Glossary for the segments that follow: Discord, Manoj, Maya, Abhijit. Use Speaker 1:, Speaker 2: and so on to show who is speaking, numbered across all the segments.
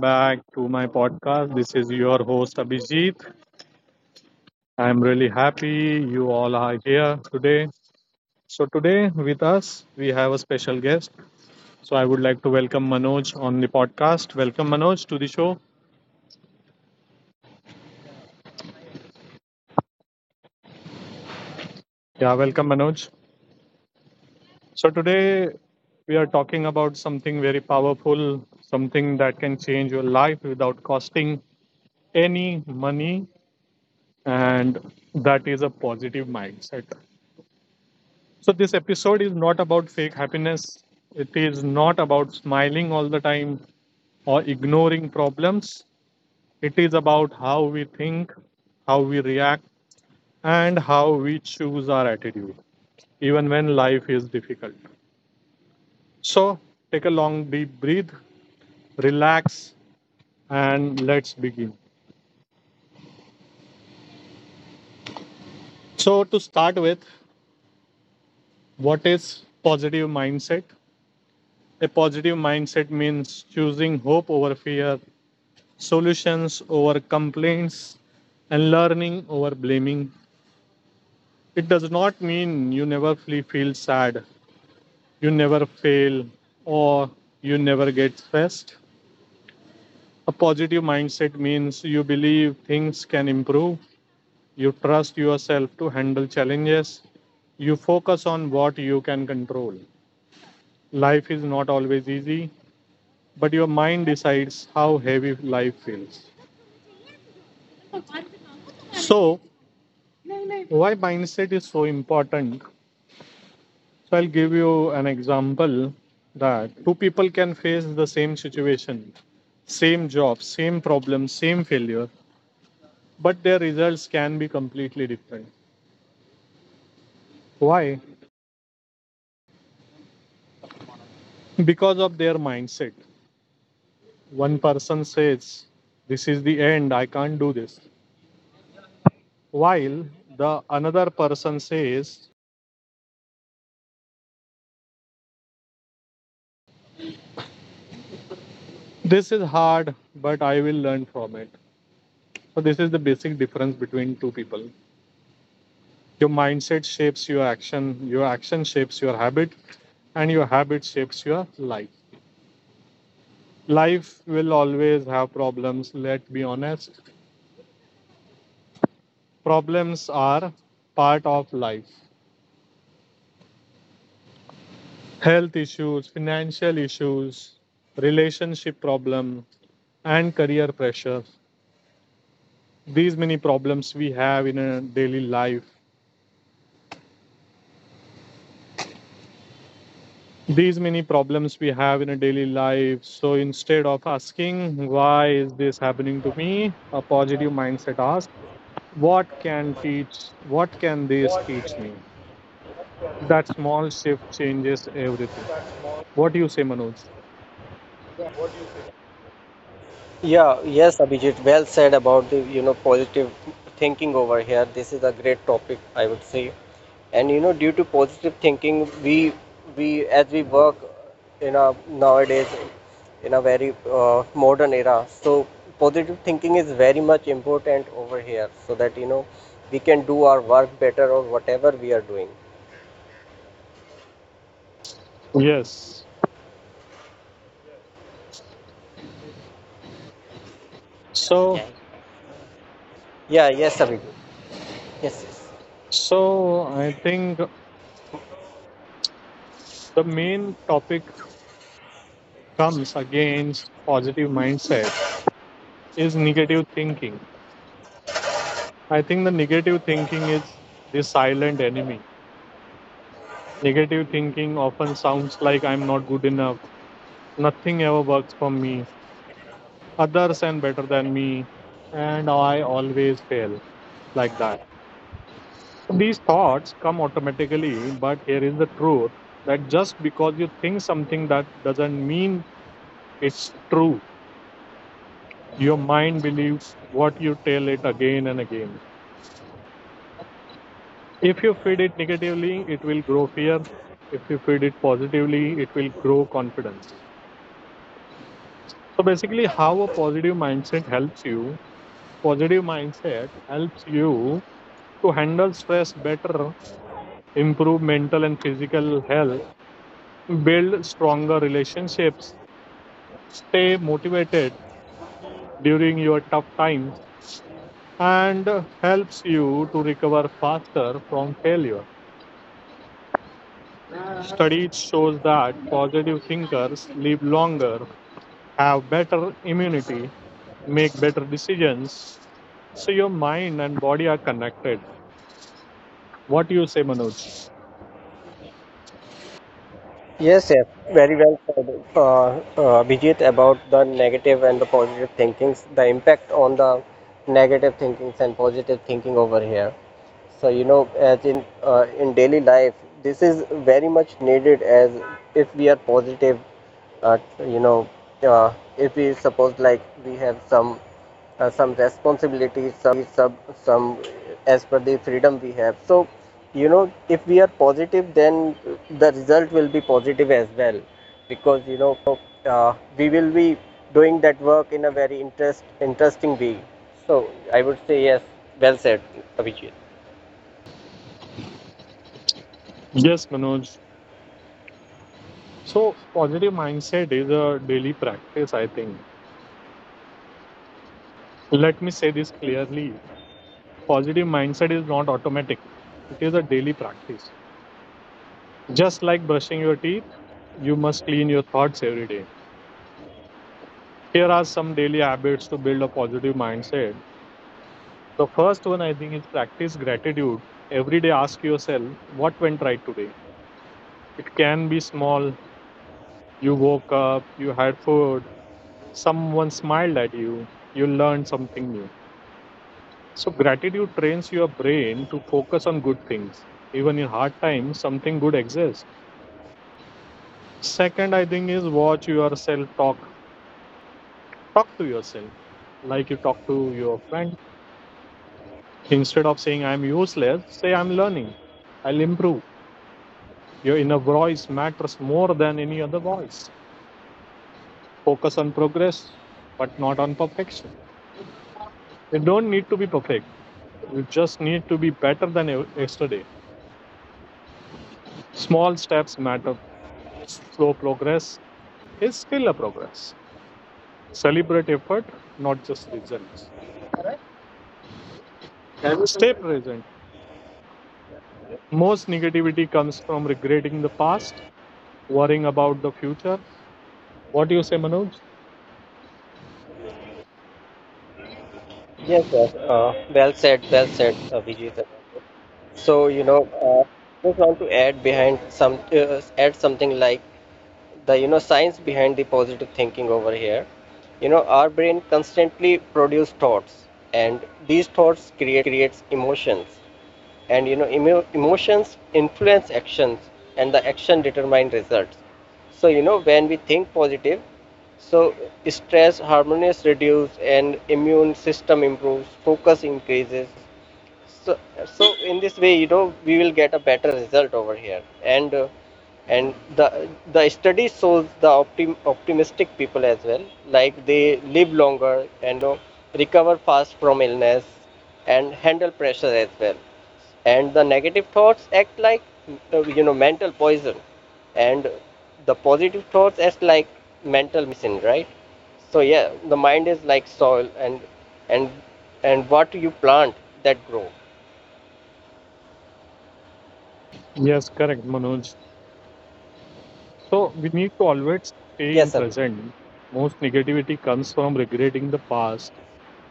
Speaker 1: back to my podcast. This is your host, Abhijit. I'm really happy you all are here today. So, today with us, we have a special guest. So, I would like to welcome Manoj on the podcast. Welcome, Manoj, to the show. Yeah, welcome, Manoj. So, today we are talking about something very powerful, something that can change your life without costing any money, and that is a positive mindset. So, this episode is not about fake happiness. It is not about smiling all the time or ignoring problems. It is about how we think, how we react, and how we choose our attitude, even when life is difficult. So, take a long, deep breath, relax, and let's begin. So, to start with, what is positive mindset? A positive mindset means choosing hope over fear, solutions over complaints, and learning over blaming. It does not mean you never feel sad, you never fail, or you never get stressed. A positive mindset means you believe things can improve, you trust yourself to handle challenges, you focus on what you can control. Life is not always easy, but your mind decides how heavy life feels. So, why mindset is so important? So I'll give you an example that two people can face the same situation, same job, same problem, same failure, but their results can be completely different. Why? Because of their mindset. One person says, this is the end, I can't do this, while the another person says, this is hard, but I will learn from it. So this is the basic difference between two people. Your mindset shapes your action, your action shapes your habit, and your habit shapes your life. Life will always have problems. Let's be honest, problems are part of life. Health issues, financial issues, relationship problem, and career pressure. These many problems we have in a daily life these many problems we have in a daily life. So instead of asking, why is this happening to me? A positive mindset asks, what can this
Speaker 2: What uh,
Speaker 1: teach me?
Speaker 2: what
Speaker 1: That small shift changes everything. What do you say, Manoj?
Speaker 2: do you think? Yeah, yes, Abhijit, well said about the, positive thinking over here. This is a great topic, I would say. And due to positive thinking, we as we work in a nowadays in a very modern era, so positive thinking is very much important over here, so that we can do our work better or whatever we are doing.
Speaker 1: Yes. So,
Speaker 2: Okay. Yeah, yes, Abhijit. Yes, yes.
Speaker 1: so I think the main topic comes against positive mindset is negative thinking. I think the negative thinking is the silent enemy. Negative thinking often sounds like, I'm not good enough. Nothing ever works for me. Others and better than me. And I always fail. Like that. So these thoughts come automatically, but here is the truth that just because you think something, that doesn't mean it's true. Your mind believes what you tell it again and again. If you feed it negatively, it will grow fear. If you feed it positively, it will grow confidence. So basically, how a positive mindset helps you. Positive mindset helps you to handle stress better, improve mental and physical health, build stronger relationships, stay motivated during your tough times, and helps you to recover faster from failure. Studies shows that positive thinkers live longer, have better immunity, make better decisions. So your mind and body are connected. What do you say, Manoj?
Speaker 2: Yes, yes, very well said, Abhijit, about the negative and the positive thinkings, the impact on the negative thinkings and positive thinking over here. So as in daily life, this is very much needed as if we are positive uh, you know, if we suppose like we have some responsibilities, some as per the freedom we have. So, if we are positive, then the result will be positive as well, because we will be doing that work in a very interesting way. So, I would say yes. Well said, Abhijit.
Speaker 1: Yes, Manoj. So, positive mindset is a daily practice, I think. Let me say this clearly, positive mindset is not automatic, it is a daily practice. Just like brushing your teeth, you must clean your thoughts every day. Here are some daily habits to build a positive mindset. The first one, I think, is practice gratitude. Every day, ask yourself, what went right today? It can be small. You woke up, you had food, someone smiled at you, you learned something new. So, gratitude trains your brain to focus on good things. Even in hard times, something good exists. Second, I think, is watch yourself talk. Talk to yourself like you talk to your friend. Instead of saying, I'm useless, say, I'm learning, I'll improve. Your inner voice matters more than any other voice. Focus on progress, but not on perfection. You don't need to be perfect, you just need to be better than yesterday. Small steps matter. Slow progress is still a progress. Celebrate effort, not just results. Stay present. Most negativity comes from regretting the past, worrying about the future. What do you say, Manoj?
Speaker 2: Yes, yes. Well said. Well said, Abhijit. So, just want to add something like the science behind the positive thinking over here. You know, our brain constantly produce thoughts, and these thoughts creates emotions, and emotions influence actions, and the action determine results. So, when we think positive, so stress harmonious reduce and immune system improves, focus increases, so so in this way we will get a better result over here and the the study shows the optimistic people as well like they live longer and recover fast from illness and handle pressure as well and the negative thoughts act like mental poison and the positive thoughts act like mental medicine right so yeah, the mind is like soil and and and what you plant that grow.
Speaker 1: Yes, correct, Manoj. So we need to always stay in
Speaker 2: Yes, Abhi.
Speaker 1: present. Most negativity comes from regretting the past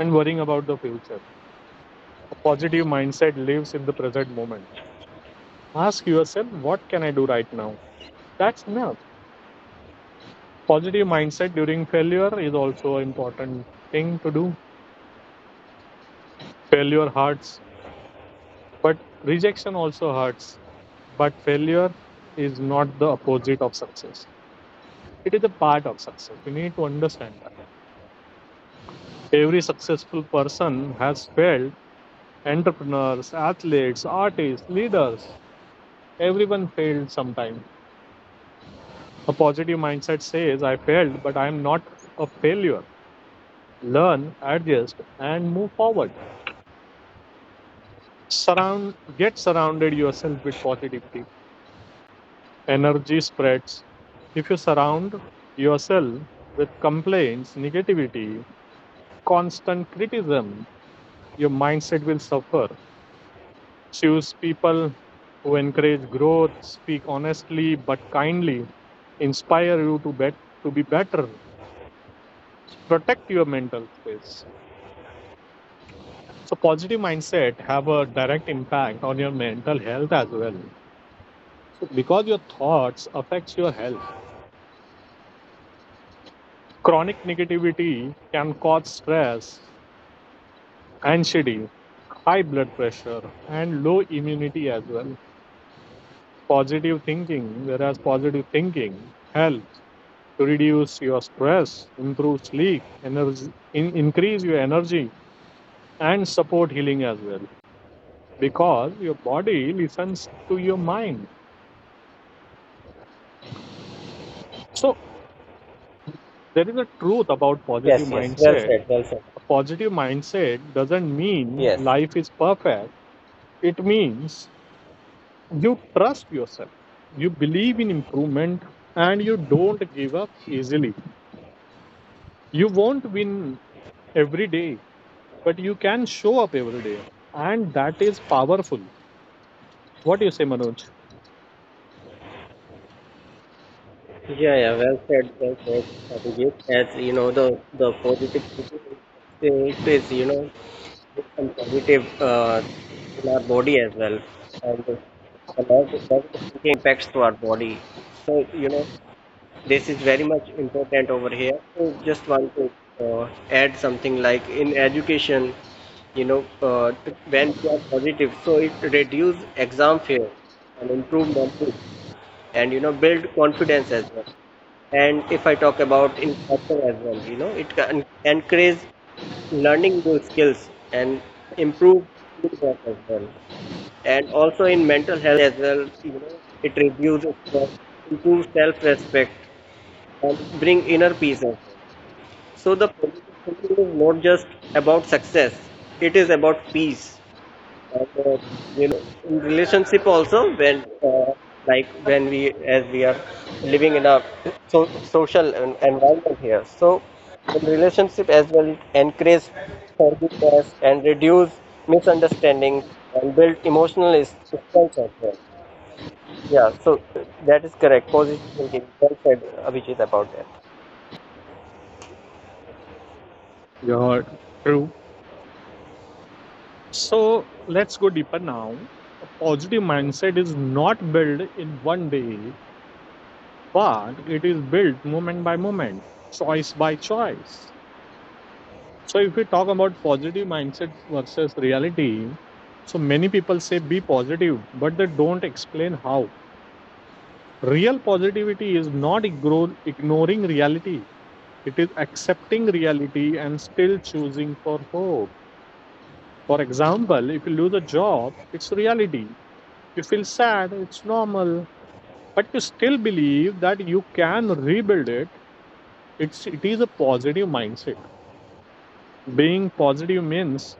Speaker 1: and worrying about the future. A positive mindset lives in the present moment. Ask yourself, what can I do right now? That's enough. Positive mindset during failure is also an important thing to do. Failure hurts, but rejection also hurts, but failure is not the opposite of success, it is a part of success. We need to understand that every successful person has failed. Entrepreneurs, athletes, artists, leaders, everyone failed sometime. A positive mindset says, I failed, but I am not a failure. Learn, adjust, and move forward. Surround get surrounded yourself with positivity. Energy spreads. If you surround yourself with complaints, negativity, constant criticism, your mindset will suffer. Choose people who encourage growth, speak honestly but kindly, inspire you to be better. Protect your mental space. So positive mindset have a direct impact on your mental health as well, so because your thoughts affects your health. Chronic negativity can cause stress, anxiety, high blood pressure, and low immunity as well. Positive thinking, whereas positive thinking helps to reduce your stress, improve sleep, increase your energy, and support healing as well. Because your body listens to your mind. So, there is a truth about positive
Speaker 2: Yes, yes. Well
Speaker 1: mindset.
Speaker 2: said. Well said.
Speaker 1: A positive mindset doesn't mean
Speaker 2: Yes.
Speaker 1: life is perfect, it means you trust yourself, you believe in improvement, and you don't give up easily. You won't win every day, but you can show up every day, and that is powerful. What do you say, Manoj?
Speaker 2: Yeah, yeah, well said, Abhijit. As you know, the positive thinking it is some positive in our body as well, and the negative thinking impacts to our body. So this is very much important over here so just want to add something like in education when we are positive so it reduce exam fear and improve memory and build confidence as well and if I talk about in culture as well it can encourage learning new skills and improve teamwork as well and also in mental health as well it reduces stress improves self-respect and bring inner peace in. So the positive thinking is not just about success; it is about peace. And, you know, in relationship also, when like when we as we are living in a so, social environment here, so in relationship as well, it encourages forgiveness and reduce misunderstanding and build emotional strength as well. Yeah, so that is correct. Positive thinking. Well said, Abhijit, about that.
Speaker 1: You're true. So let's go deeper now. Positive mindset is not built in one day, but it is built moment by moment, choice by choice. So if we talk about positive mindset versus reality, so many people say be positive, but they don't explain how. Real positivity is not ignoring reality. It is accepting reality and still choosing for hope. For example, if you lose a job, it's reality. You feel sad, it's normal. But you still believe that you can rebuild it. It is a positive mindset. Being positive means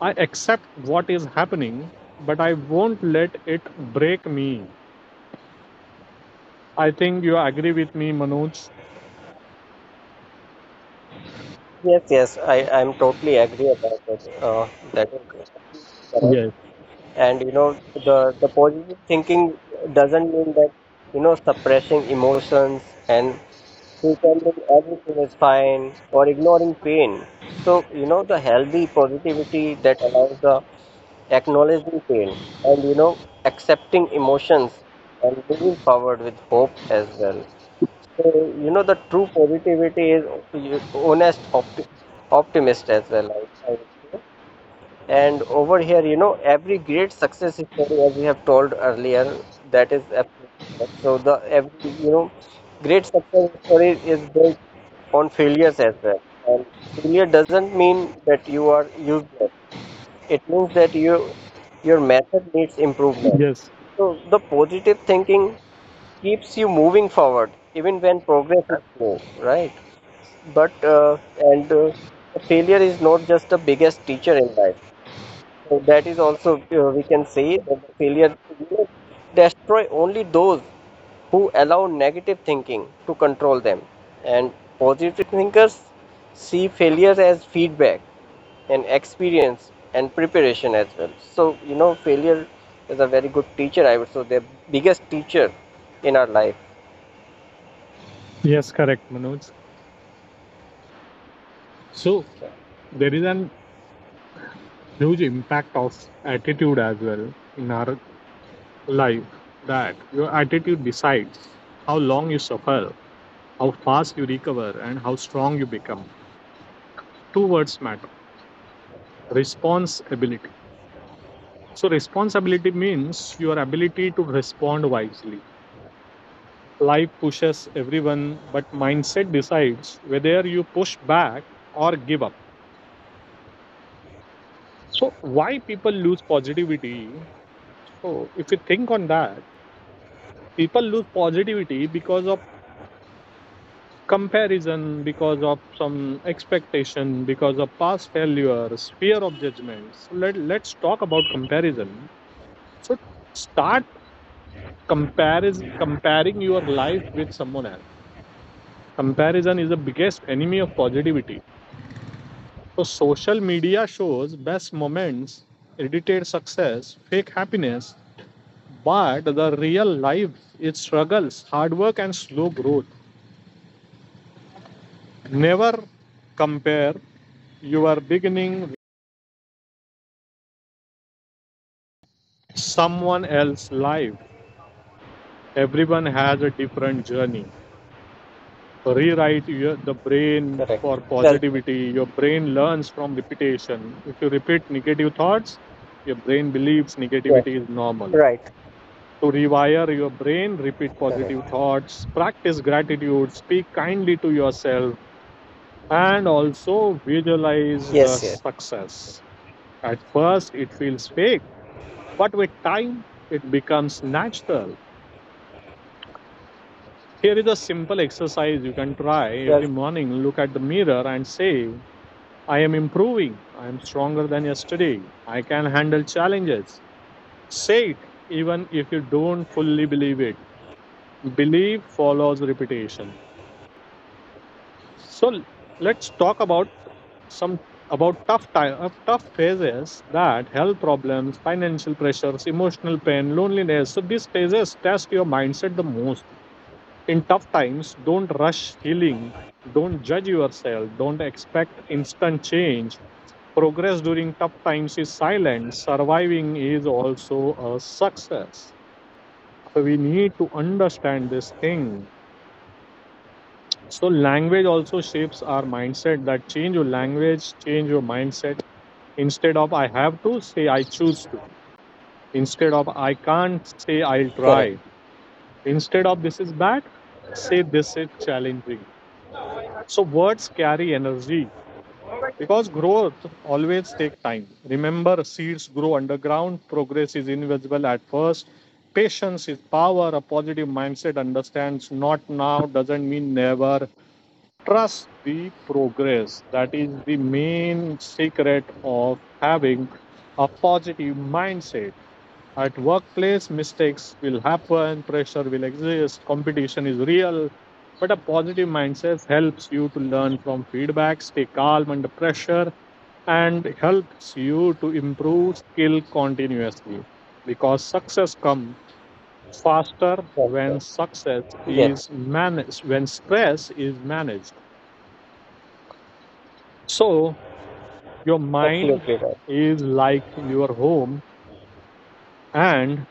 Speaker 1: I accept what is happening, but I won't let it break me. I think you agree with me, Manoj.
Speaker 2: Yes, yes, I'm totally agree about it. That is correct.
Speaker 1: Yes,
Speaker 2: And you know, the positive thinking doesn't mean that, suppressing emotions and pretending everything is fine or ignoring pain. So, the healthy positivity that allows the acknowledging pain and, accepting emotions and moving forward with hope as well. So, the true positivity is you- honest optimist as well, I would say. And over here, every great success story, as we have told earlier, that is absolutely correct. So the every, great success story is built on failures as well. And failure doesn't mean that you are useless. It means that your method needs improvement.
Speaker 1: yes,
Speaker 2: So the positive thinking keeps you moving forward even when progress is slow right but and failure is not just the biggest teacher in life so that is also we can say that the failure will destroy only those who allow negative thinking to control them and positive thinkers see failure as feedback and experience and preparation as well so failure is a very good teacher I would say the biggest teacher in our life.
Speaker 1: yes, correct, Manoj. So there is an huge impact of attitude as well in our life, that your attitude decides how long you suffer, how fast you recover, and how strong you become. Two words matter, responsibility. So, responsibility means your ability to respond wisely. Life pushes everyone, but mindset decides whether you push back or give up. So, why people lose positivity? So, if you think on that, people lose positivity because of comparison, because of some expectation, because of past failures, fear of judgments. So Let's talk about comparison. So, start comparing your life with someone else. Comparison is the biggest enemy of positivity. So social media shows best moments, edited success, fake happiness, but the real life is struggles, hard work and slow growth. Never compare your beginning with someone else's life. Everyone has a different journey. Rewrite the brain
Speaker 2: Correct.
Speaker 1: for
Speaker 2: Well said.
Speaker 1: positivity. Your brain learns from repetition. If you repeat negative thoughts, your brain believes
Speaker 2: Yes.
Speaker 1: negativity is normal.
Speaker 2: Right.
Speaker 1: To rewire your brain, repeat positive
Speaker 2: Correct.
Speaker 1: thoughts, practice gratitude, speak kindly to yourself, and also visualize the
Speaker 2: Yes, yes.
Speaker 1: success. At first, it feels fake, but with time, it becomes natural. Here is a simple exercise you can try
Speaker 2: Well
Speaker 1: every morning. Look at the mirror and say, I am improving. I am stronger than yesterday. I can handle challenges. Say it, even if you don't fully believe it. Belief follows repetition. So let's talk about some about tough phases, that health problems, financial pressures, emotional pain, loneliness. So these phases test your mindset the most. In tough times, don't rush healing. Don't judge yourself. Don't expect instant change. Progress during tough times is silent. Surviving is also a success. So we need to understand this thing. So language also shapes our mindset, that change your language, change your mindset. Instead of I have to, say I choose to. Instead of I can't, say I'll
Speaker 2: said. Correct.
Speaker 1: try. Instead of this is bad, say this is challenging. So words carry energy, because growth always takes time. Remember, seeds grow underground, progress is invisible at first. Patience is power, a positive mindset understands not now doesn't mean never, trust the progress. That is the main secret of having a positive mindset. At workplace, mistakes will happen, pressure will exist, competition is real. But a positive mindset helps you to learn from feedback, stay calm under pressure, and helps you to improve skill continuously, because success comes faster
Speaker 2: Well said. Yes.
Speaker 1: when stress is managed. So your mind
Speaker 2: Absolutely right.
Speaker 1: is like your home and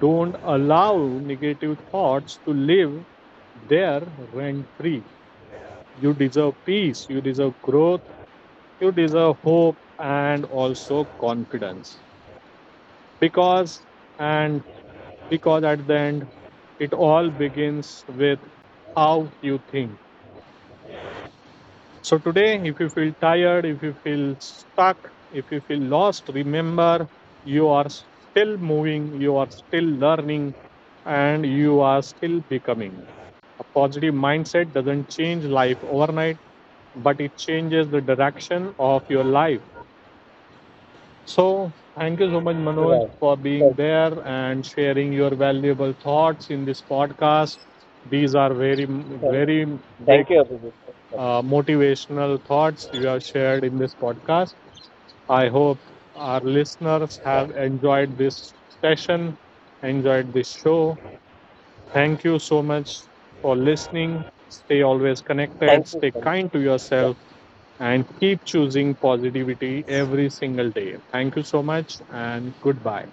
Speaker 1: don't allow negative thoughts to live there rent free. You deserve peace, you deserve growth, you deserve hope and also confidence. Because and because at the end it all begins with how you think. So today, if you feel tired, if you feel stuck, if you feel lost, remember you are still moving, you are still learning, and you are still becoming. A positive mindset doesn't change life overnight, but it changes the direction of your life. So, thank you so much, Manoj,
Speaker 2: Right.
Speaker 1: for being
Speaker 2: Well,
Speaker 1: there and sharing your valuable thoughts in this podcast. These are very,
Speaker 2: thank you.
Speaker 1: very big
Speaker 2: Thank you, Abhijit. So much.
Speaker 1: motivational thoughts you have shared in this podcast. I hope our listeners
Speaker 2: Yeah.
Speaker 1: have enjoyed this session, enjoyed this show. Thank you so much for listening. Stay always connected,
Speaker 2: Thank you
Speaker 1: stay
Speaker 2: so much.
Speaker 1: kind to
Speaker 2: Yeah.
Speaker 1: yourself, and keep choosing positivity every single day. Thank you so much, and goodbye.